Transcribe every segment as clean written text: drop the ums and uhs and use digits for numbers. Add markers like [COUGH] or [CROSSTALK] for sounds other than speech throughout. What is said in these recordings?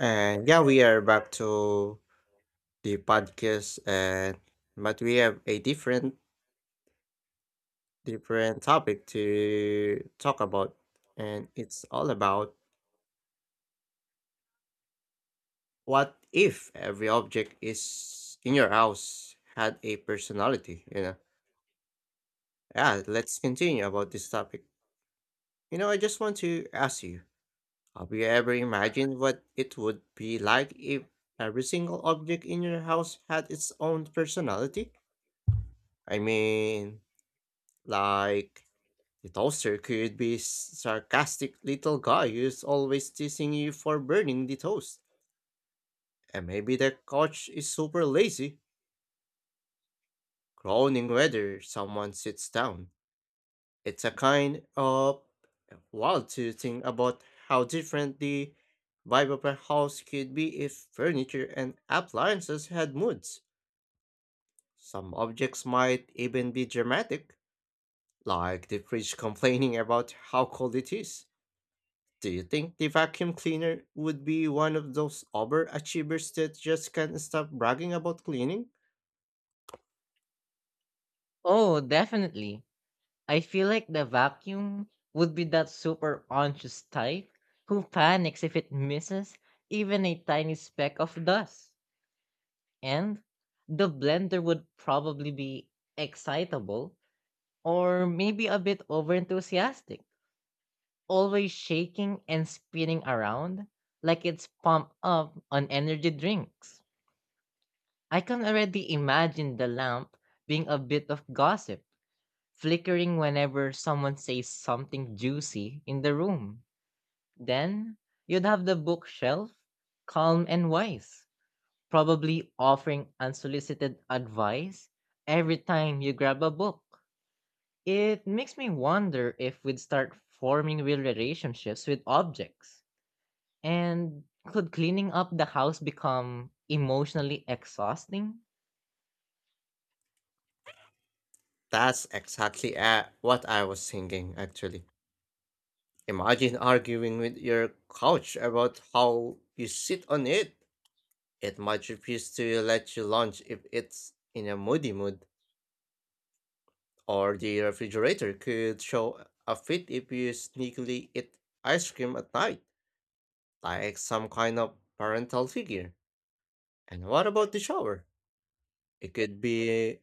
And yeah, we are back to the podcast and but we have a different topic to talk about, and it's all about what if every object is in your house had a personality, Yeah, let's continue about this topic. I just want to ask you, have you ever imagined what it would be like if every single object in your house had its own personality? I mean, like It also could be sarcastic little guy who's always teasing you for burning the toast. And maybe the couch is super lazy, groaning whether someone sits down. It's a kind of wild to think about how different the vibe of a house could be if furniture and appliances had moods. Some objects might even be dramatic, like the fridge [LAUGHS] complaining about how cold it is. Do you think the vacuum cleaner would be one of those overachievers that just can't stop bragging about cleaning? Oh, definitely. I feel like the vacuum would be that super anxious type who panics if it misses even a tiny speck of dust. And the blender would probably be excitable or maybe a bit overenthusiastic, always shaking and spinning around like it's pumped up on energy drinks. I can already imagine the lamp being a bit of gossip flickering whenever someone says something juicy in the room. Then you'd have the bookshelf, calm and wise, probably offering unsolicited advice every time you grab a book. It makes me wonder if we'd start forming real relationships with objects. And could cleaning up the house become emotionally exhausting? That's exactly what I was thinking, actually. Imagine arguing with your couch about how you sit on it. It might refuse to let you lunch if it's in a moody mood, or the refrigerator could show a fit if you sneakily eat ice cream at night, like some kind of parental figure. And what about the shower? It could be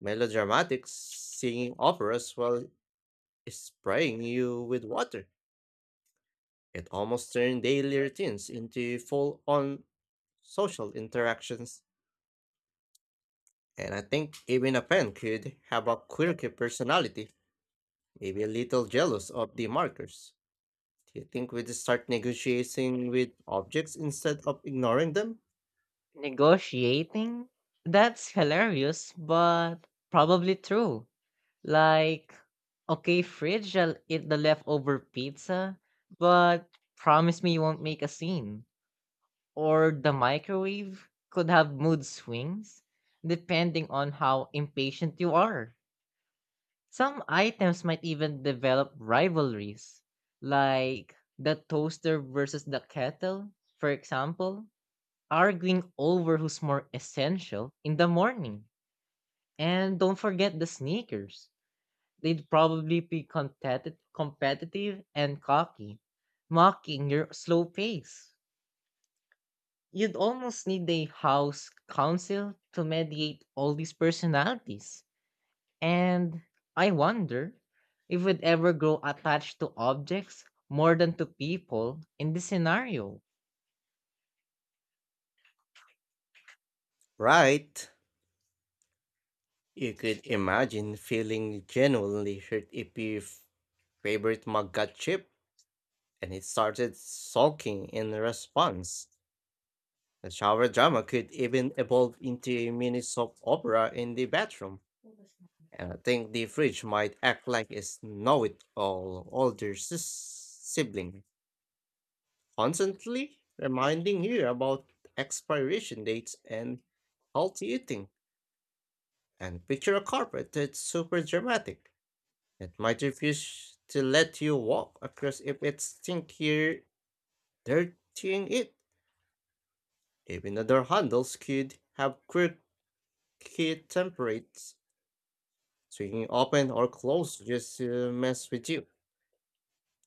melodramatic, singing operas while spraying you with water. It almost turned daily routines into full on social interactions. And I think even a pen could have a quirky personality, maybe a little jealous of the markers. Do you think we'd start negotiating with objects instead of ignoring them? Negotiating? That's hilarious, but probably true. Like, okay, fridge, I'll eat the leftover pizza, but promise me you won't make a scene. Or the microwave could have mood swings depending on how impatient you are. Some items might even develop rivalries, like the toaster versus the kettle, for example, arguing over who's more essential in the morning. And don't forget the sneakers. They'd probably be competitive and cocky, mocking your slow pace. You'd almost need a house council to mediate all these personalities. And I wonder if we'd ever grow attached to objects more than to people in this scenario. Right. You could imagine feeling genuinely hurt if your favorite mug got chipped and it started sulking in response. The shower drama could even evolve into a mini soap opera in the bathroom, and I think the fridge might act like a know it all older sibling, constantly reminding you about expiration dates and healthy eating. And picture a carpet that's super dramatic. It might refuse to let you walk across if it's think you're dirtying it. Even other handles could have quirky templates, swinging open or closed just to mess with you.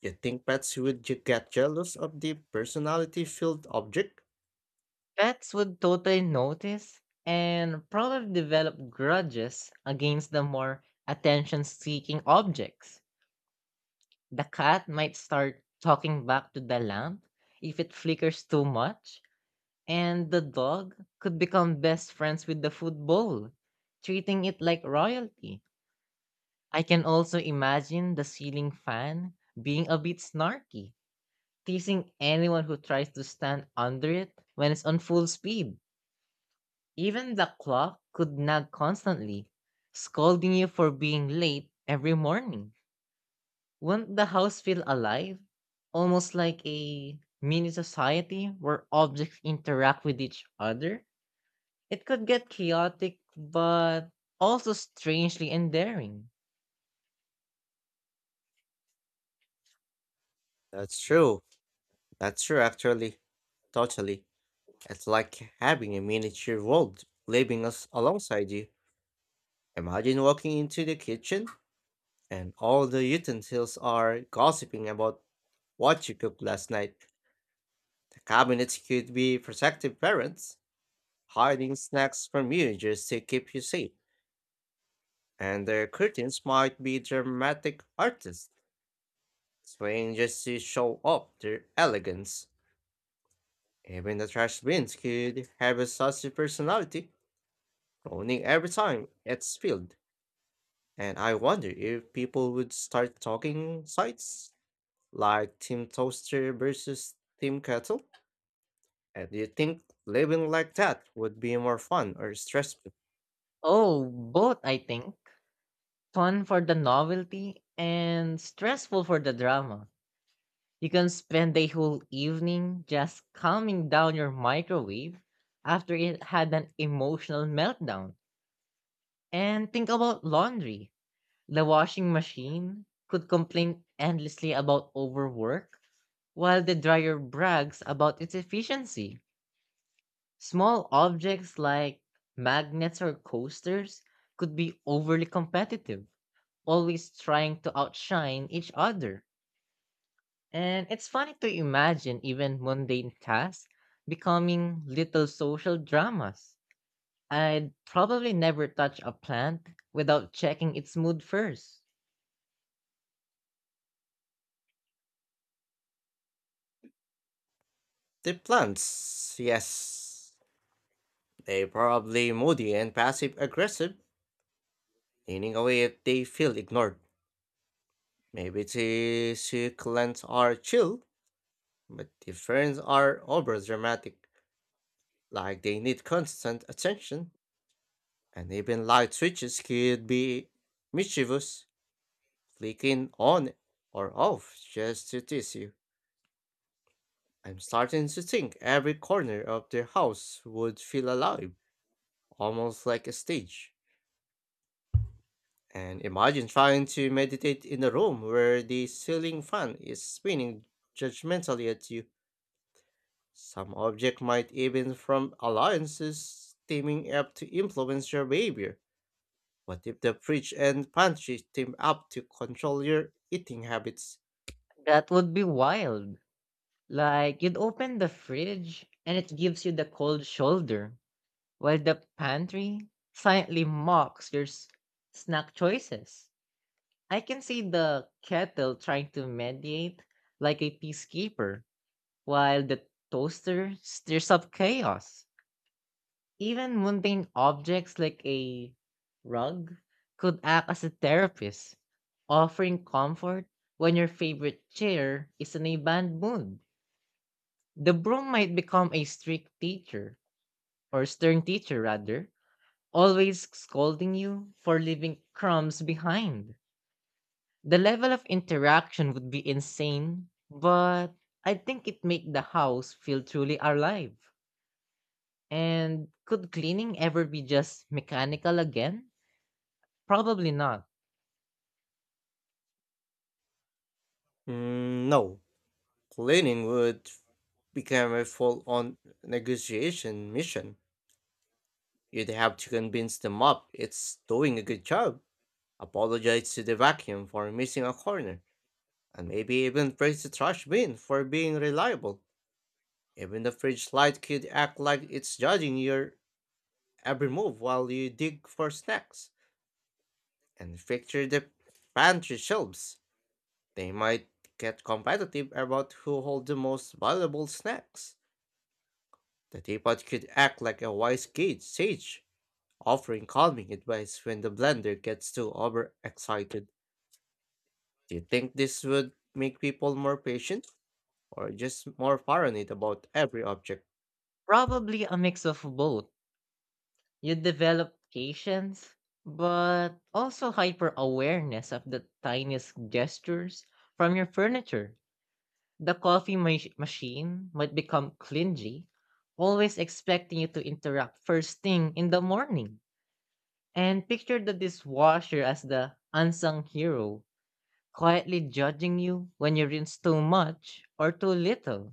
You think pets would get jealous of the personality filled object? Pets would totally notice and probably develop grudges against the more attention seeking objects. The cat might start talking back to the lamp if it flickers too much, and the dog could become best friends with the food bowl, treating it like royalty. I can also imagine the ceiling fan being a bit snarky, teasing anyone who tries to stand under it when it's on full speed. Even the clock could nag constantly, scolding you for being late every morning. Won't the house feel alive? Almost like a mini society where objects interact with each other? It could get chaotic, but also strangely endearing. That's true. That's true, actually. Totally. It's like having a miniature world living us alongside you. Imagine walking into the kitchen and all the utensils are gossiping about what you cooked last night. The cabinets could be protective parents hiding snacks from you just to keep you safe, and their curtains might be dramatic artists, swaying just to show off their elegance. Even the trash bins could have a saucy personality, groaning every time it's filled. And I wonder if people would start talking sites like Team Toaster versus Team Kettle. And do you think living like that would be more fun or stressful? Oh, both, I think. Fun for the novelty and stressful for the drama. You can spend a whole evening just calming down your microwave after it had an emotional meltdown. And think about laundry. The washing machine could complain endlessly about overwork, while the dryer brags about its efficiency. Small objects like magnets or coasters could be overly competitive, always trying to outshine each other. And it's funny to imagine even mundane tasks becoming little social dramas. I'd probably never touch a plant without checking its mood first. The plants, yes. They're probably moody and passive aggressive, leaning away if they feel ignored. Maybe the succulents are chill, but the ferns are over dramatic, like they need constant attention. And even light switches could be mischievous, flicking on or off just to tease you. I'm starting to think every corner of their house would feel alive, almost like a stage. And imagine trying to meditate in a room where the ceiling fan is spinning judgmentally at you. Some object might even from alliances teaming up to influence your behavior. What if the fridge and pantry team up to control your eating habits? That would be wild. Like, you'd open the fridge and it gives you the cold shoulder, while the pantry silently mocks your snack choices. I can see the kettle trying to mediate like a peacekeeper, while the toaster stirs up chaos. Even mundane objects like a rug could act as a therapist, offering comfort when your favorite chair is in a bad mood. The broom might become a strict teacher, or stern teacher rather, always scolding you for leaving crumbs behind. The level of interaction would be insane, but I think it make the house feel truly alive. And could cleaning ever be just mechanical again? Probably not. Mm, no. Cleaning would become a full on negotiation mission. You'd have to convince the mop it's doing a good job. Apologize to the vacuum for missing a corner and maybe even praise the trash bin for being reliable. Even the fridge light could act like it's judging your every move while you dig for snacks. And picture the pantry shelves. They might get competitive about who holds the most valuable snacks. The teapot could act like a wise gate sage, offering calming advice when the blender gets too overexcited. Do you think this would make people more patient or just more paranoid about every object? Probably a mix of both. You develop patience, but also hyper awareness of the tiniest gestures from your furniture. The coffee machine might become clingy, always expecting you to interrupt first thing in the morning. And picture the dishwasher as the unsung hero, quietly judging you when you rinse too much or too little.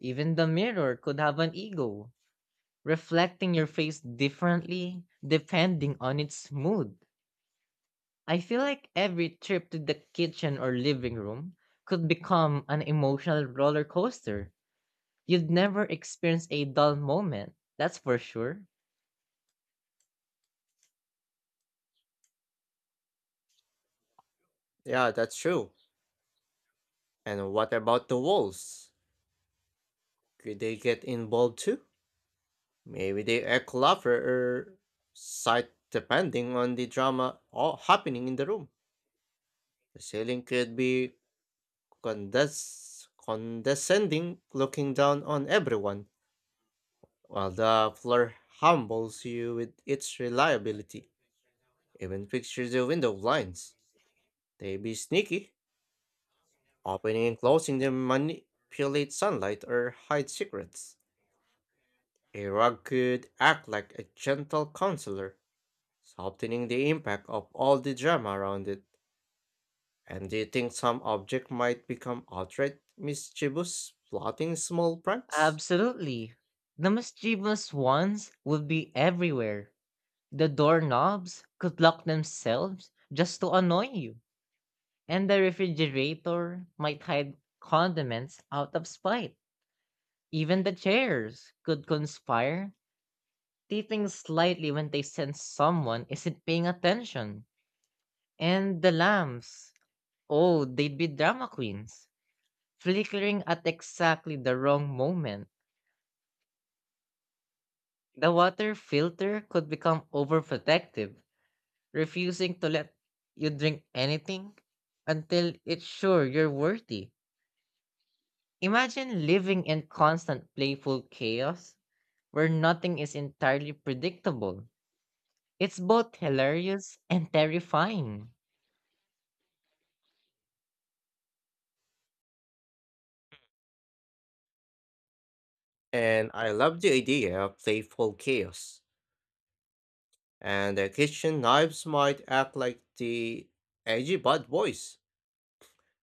Even the mirror could have an ego, reflecting your face differently depending on its mood. I feel like every trip to the kitchen or living room could become an emotional roller coaster. You'd never experience a dull moment, that's for sure. Yeah, that's true. And what about the wolves? Could they get involved too? Maybe they act clever or sight depending on the drama all happening in the room. The ceiling could be condescending, looking down on everyone, while the floor humbles you with its reliability. Even picture the window blinds. They be sneaky, opening and closing them manipulate sunlight or hide secrets. A rug could act like a gentle counselor, softening the impact of all the drama around it. And do you think some object might become outright mischievous, plotting small pranks? Absolutely. The mischievous ones would be everywhere. The doorknobs could lock themselves just to annoy you, and the refrigerator might hide condiments out of spite. Even the chairs could conspire, tilting slightly when they sense someone isn't paying attention. And the lamps, oh, they'd be drama queens, flickering at exactly the wrong moment. The water filter could become overprotective, refusing to let you drink anything until it's sure you're worthy. Imagine living in constant playful chaos where nothing is entirely predictable. It's both hilarious and terrifying. And I love the idea of playful chaos. And the kitchen knives might act like the edgy bad boys,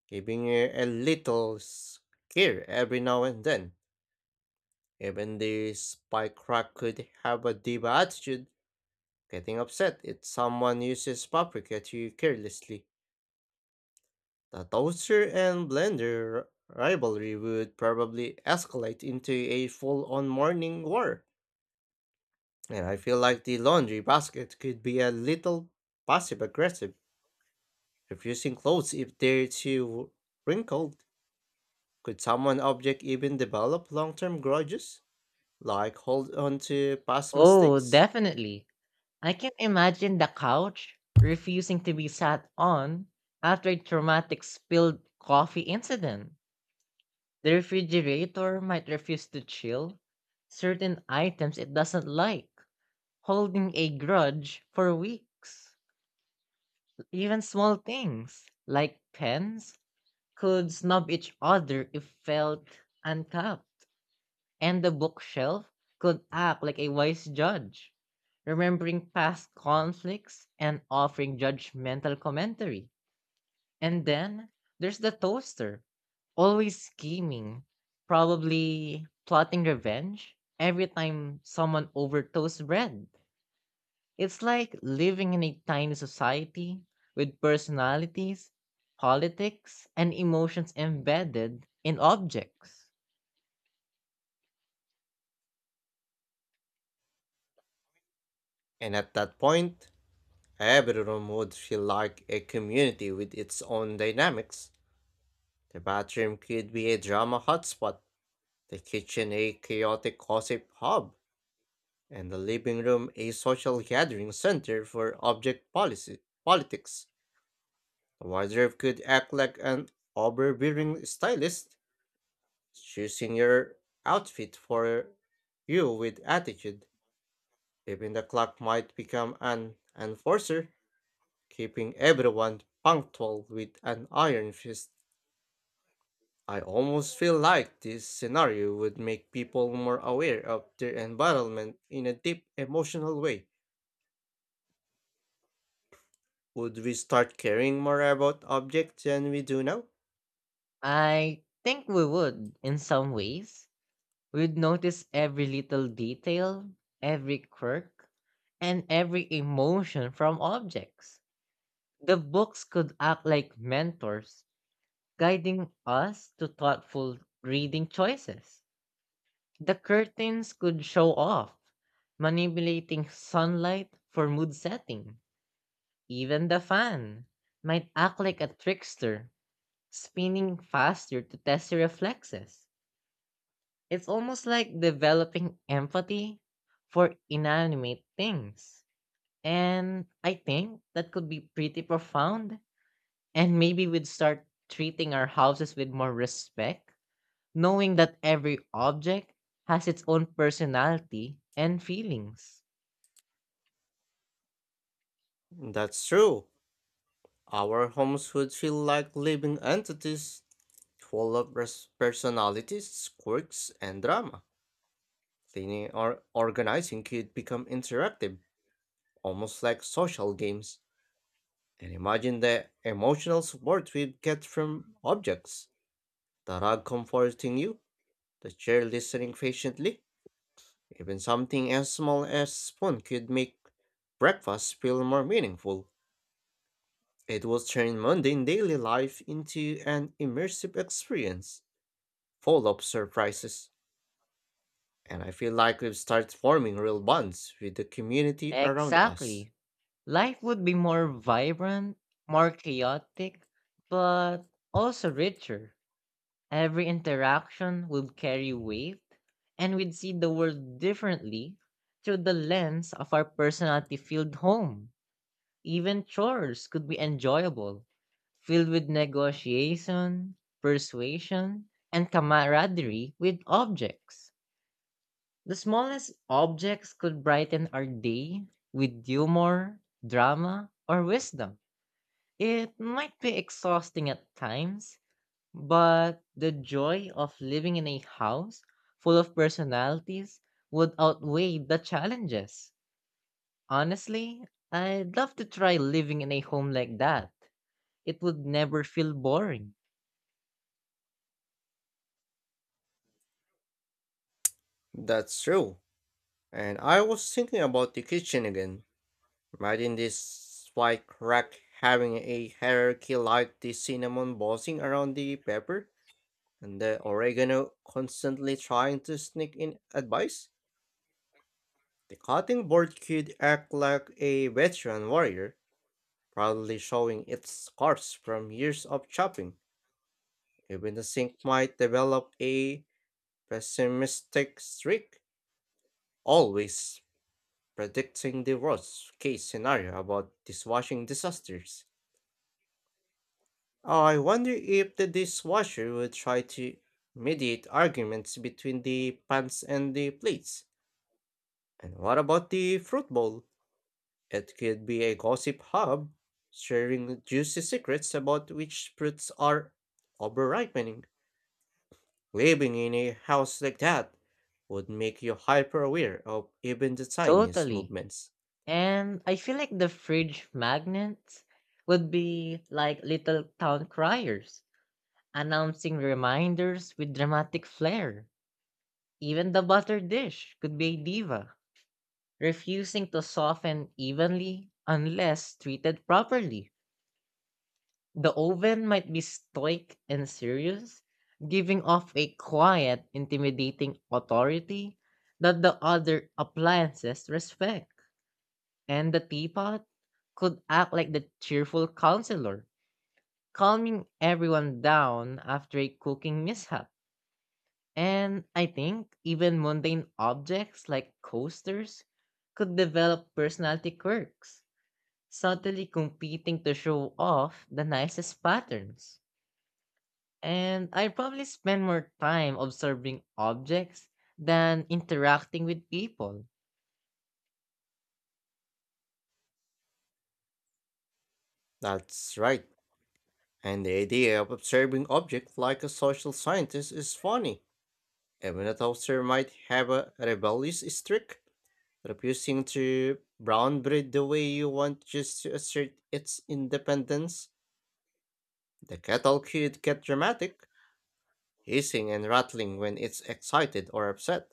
giving you a little scare every now and then. Even the spy crack could have a diva attitude. Getting upset if someone uses paprika too carelessly. The toaster and blender rivalry would probably escalate into a full on morning war. And I feel like the laundry basket could be a little passive aggressive, refusing clothes if they're too wrinkled. Could someone object even develop long term grudges? Like hold on to past Oh, mistakes? definitely. I can imagine the couch refusing to be sat on after a traumatic spilled coffee incident. The refrigerator might refuse to chill certain items it doesn't like, holding a grudge for weeks. Even small things like pens could snub each other if felt uncapped, and the bookshelf could act like a wise judge, remembering past conflicts and offering judgmental commentary. And then there's the toaster, always scheming, probably plotting revenge every time someone overtoasts bread. It's like living in a tiny society with personalities, politics, and emotions embedded in objects. And at that point, everyone would feel like a community with its own dynamics. The bathroom could be a drama hotspot, the kitchen a chaotic gossip hub, and the living room a social gathering center for object policy politics. The wardrobe could act like an overbearing stylist, choosing your outfit for you with attitude. Even the clock might become an enforcer keeping everyone punctual with an iron fist. I almost feel like this scenario would make people more aware of their environment in a deep emotional way. Would we start caring more about objects than we do now? I think we would, in some ways, we'd notice every little detail, every quirk, and every emotion from objects. The books could act like mentors, guiding us to thoughtful reading choices. The curtains could show off, manipulating sunlight for mood setting. Even the fan might act like a trickster, spinning faster to test your reflexes. It's almost like developing empathy for inanimate things. And I think that could be pretty profound. And maybe we'd start treating our houses with more respect, knowing that every object has its own personality and feelings. That's true. Our homes would feel like living entities full of personalities, quirks, and drama. Cleaning or organizing could become interactive, almost like social games. And imagine the emotional support we get from objects, the rug comforting you, the chair listening patiently. Even something as small as a spoon could make breakfast feel more meaningful. It will turn mundane daily life into an immersive experience, full of surprises. And I feel like we've started forming real bonds with the community around us. Exactly. Life would be more vibrant, more chaotic, but also richer. Every interaction would carry weight, and we'd see the world differently through the lens of our personality filled home. Even chores could be enjoyable, filled with negotiation, persuasion, and camaraderie with objects. The smallest objects could brighten our day with humor, drama, or wisdom. It might be exhausting at times, but the joy of living in a house full of personalities would outweigh the challenges. Honestly, I'd love to try living in a home like that. It would never feel boring. That's true. And I was thinking about the kitchen again. Imagine this fly crack having a hierarchy like the cinnamon bossing around the pepper and the oregano constantly trying to sneak in advice. The cutting board could act like a veteran warrior, proudly showing its scars from years of chopping. Even the sink might develop a pessimistic streak, always predicting the worst case scenario about dishwashing disasters. I wonder if the dishwasher would try to mediate arguments between the pans and the plates. And what about the fruit bowl? It could be a gossip hub, sharing juicy secrets about which fruits are overripening. Living in a house like that would make you hyper aware of even the tiniest Totally. movements. And I feel like the fridge magnets would be like little town criers, announcing reminders with dramatic flair. Even the butter dish could be a diva, refusing to soften evenly unless treated properly. The oven might be stoic and serious, giving off a quiet, intimidating authority that the other appliances respect. And the teapot could act like the cheerful counselor, calming everyone down after a cooking mishap. And I think even mundane objects like coasters could develop personality quirks, subtly competing to show off the nicest patterns. And I probably spend more time observing objects than interacting with people. That's right. And the idea of observing objects like a social scientist is funny. A Minotaur might have a rebellious streak, refusing to brown breed the way you want just to assert its independence. The cattle could get dramatic, hissing and rattling when it's excited or upset.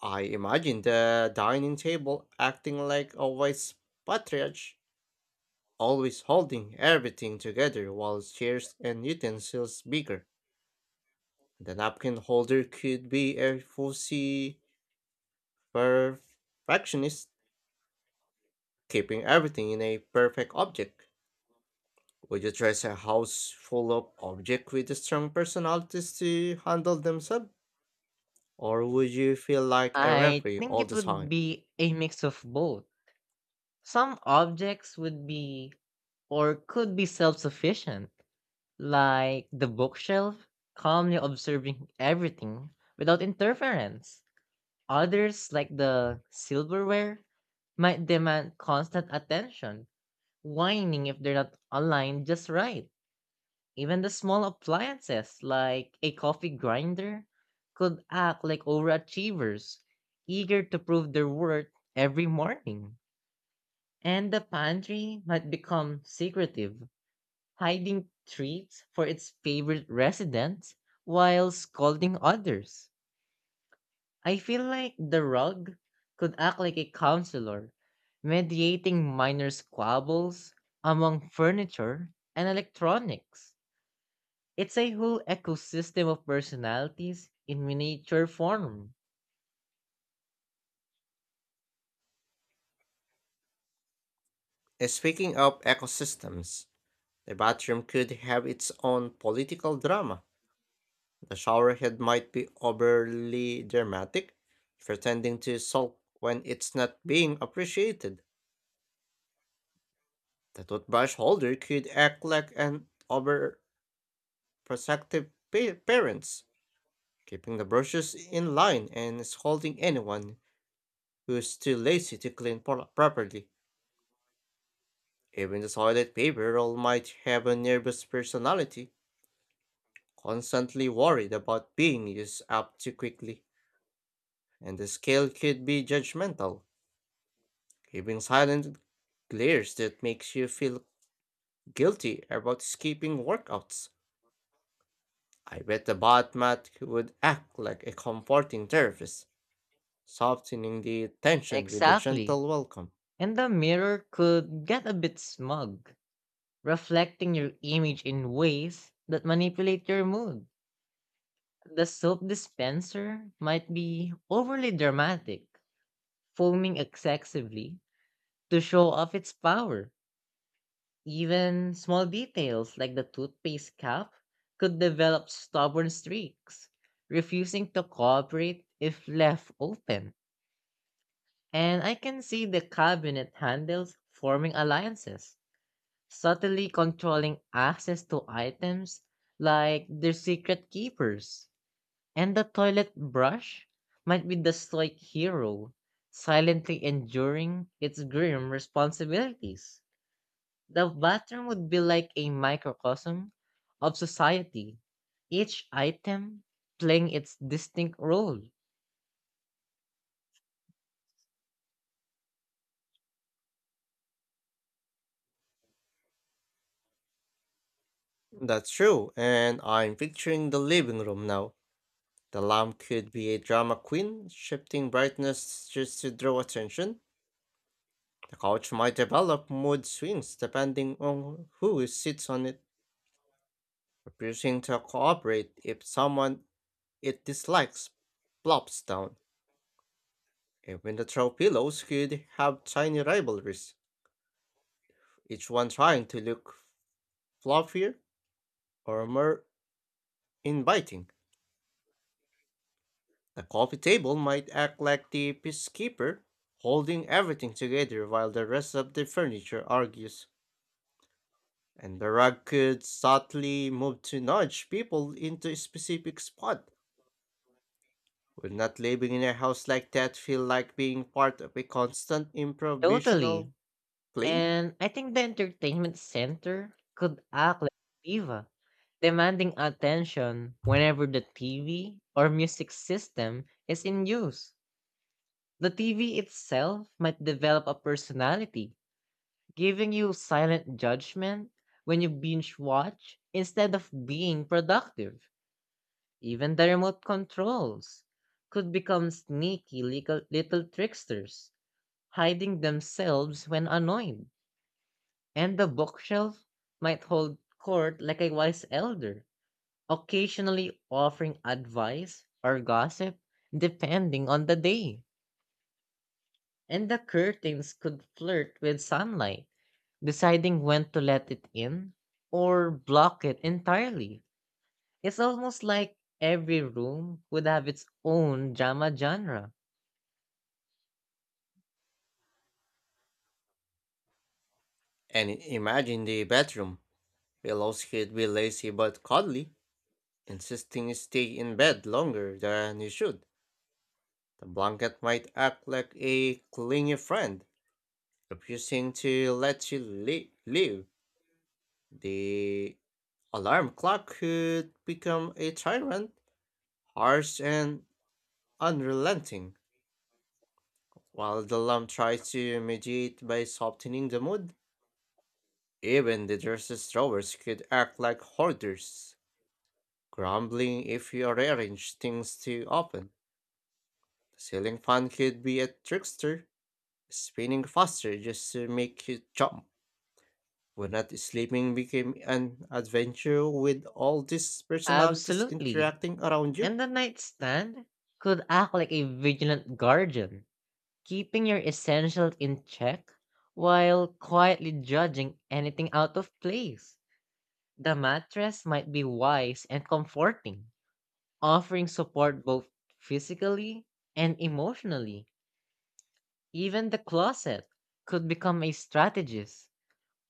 I imagine the dining table acting like a wise patriarch, always holding everything together while chairs and utensils bigger. The napkin holder could be a fussy perfectionist keeping everything in a perfect object. Would you trust a house full of objects with strong personalities to handle themselves? Or would you feel like a I referee think all it the would time? be a mix of both. Some objects would be or could be self sufficient, like the bookshelf, calmly observing everything without interference. Others, like the silverware, might demand constant attention, whining if they're not aligned just right. Even the small appliances, like a coffee grinder, could act like overachievers, eager to prove their worth every morning. And the pantry might become secretive, hiding treats for its favorite residents while scolding others. I feel like the rug could act like a counselor, mediating minor squabbles among furniture and electronics. It's a whole ecosystem of personalities in miniature form. Speaking of ecosystems, the bathroom could have its own political drama. The showerhead might be overly dramatic, pretending to sulk when it's not being appreciated. The toothbrush holder could act like an overprotective parent keeping the brushes in line and scolding anyone who's too lazy to clean properly. Even the toilet paper roll might have a nervous personality, constantly worried about being used up too quickly, and the scale could be judgmental, giving silent glares that makes you feel guilty about skipping workouts. I bet the bot mat would act like a comforting therapist, softening the tension with a Exactly. gentle welcome. And the mirror could get a bit smug reflecting your image in ways that manipulate your mood. The soap dispenser might be overly dramatic, foaming excessively to show off its power. Even small details like the toothpaste cap could develop stubborn streaks, refusing to cooperate if left open. And I can see the cabinet handles forming alliances subtly controlling access to items like their secret keepers. And the toilet brush might be the stoic hero, silently enduring its grim responsibilities. The bathroom would be like a microcosm of society, each item playing its distinct role. That's true, and I'm picturing the living room now. The lamp could be a drama queen, shifting brightness just to draw attention. The couch might develop mood swings depending on who sits on it, refusing to cooperate if someone it dislikes plops down. Even the throw pillows could have tiny rivalries, each one trying to look fluffier or more inviting. The coffee table might act like the peacekeeper, holding everything together while the rest of the furniture argues, and the rug could subtly move to nudge people into a specific spot. Would not living in a house like that feel like being part of a constant improvisational Totally. play? And I think the entertainment center could act like a diva demanding attention whenever the TV or music system is in use. The TV itself might develop a personality, giving you silent judgment when you binge watch instead of being productive. Even the remote controls could become sneaky little tricksters, hiding themselves when annoyed. And the bookshelf might hold court like a wise elder, occasionally offering advice or gossip depending on the day. And the curtains could flirt with sunlight, deciding when to let it in or block it entirely. It's almost like every room would have its own drama genre. And imagine the bedroom. Pillows could be lazy but cuddly, insisting you stay in bed longer than you should. The blanket might act like a clingy friend refusing to let you live. The alarm clock could become a tyrant, harsh and unrelenting, while the lamp tries to mediate by softening the mood. Even the dresses drawers could act like hoarders, grumbling if you rearrange things too often. The ceiling fan could be a trickster, spinning faster just to make you jump. When not sleeping became an adventure with all these personalities Absolutely. interacting around you. And the nightstand could act like a vigilant guardian, keeping your essentials in check while quietly judging anything out of place. The mattress might be wise and comforting, offering support both physically and emotionally. Even the closet could become a strategist,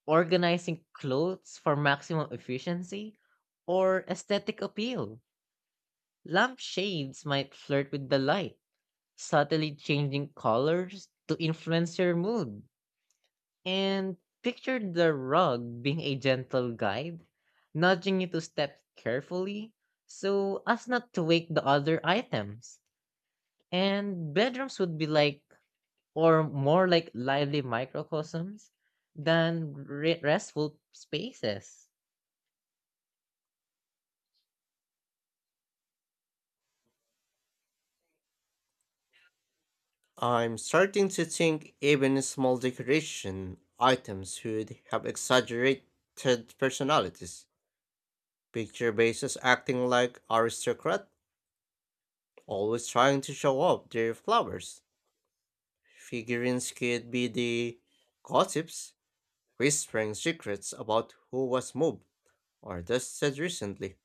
organizing clothes for maximum efficiency or aesthetic appeal. Lampshades might flirt with the light, subtly changing colors to influence your mood. And picture the rug being a gentle guide, nudging you to step carefully so as not to wake the other items. And bedrooms would be like, or more like lively microcosms than restful spaces. I'm starting to think even small decoration items would have exaggerated personalities. Picture bases acting like aristocrat, always trying to show off their flowers. Figurines could be the gossips, whispering secrets about who was moved or dusted recently.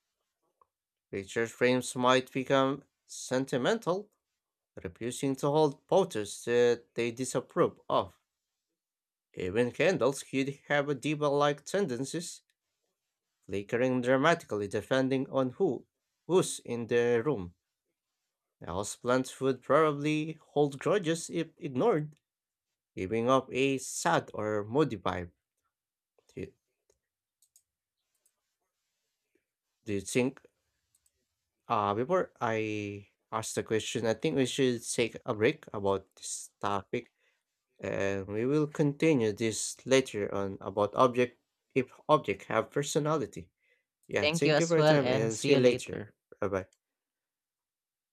Picture frames might become sentimental, refusing to hold photos that they disapprove of. Even candles could have a diva-like tendencies, flickering dramatically depending on who's in the room. A houseplant would probably hold grudges if ignored, giving off a sad or moody vibe. Do you, do you think? Before I ask the question, I think we should take a break about this topic. And we will continue this later on about object if object have personality. Yeah, Thank you thank you as for your well, time and and see see you you later. later. Bye bye.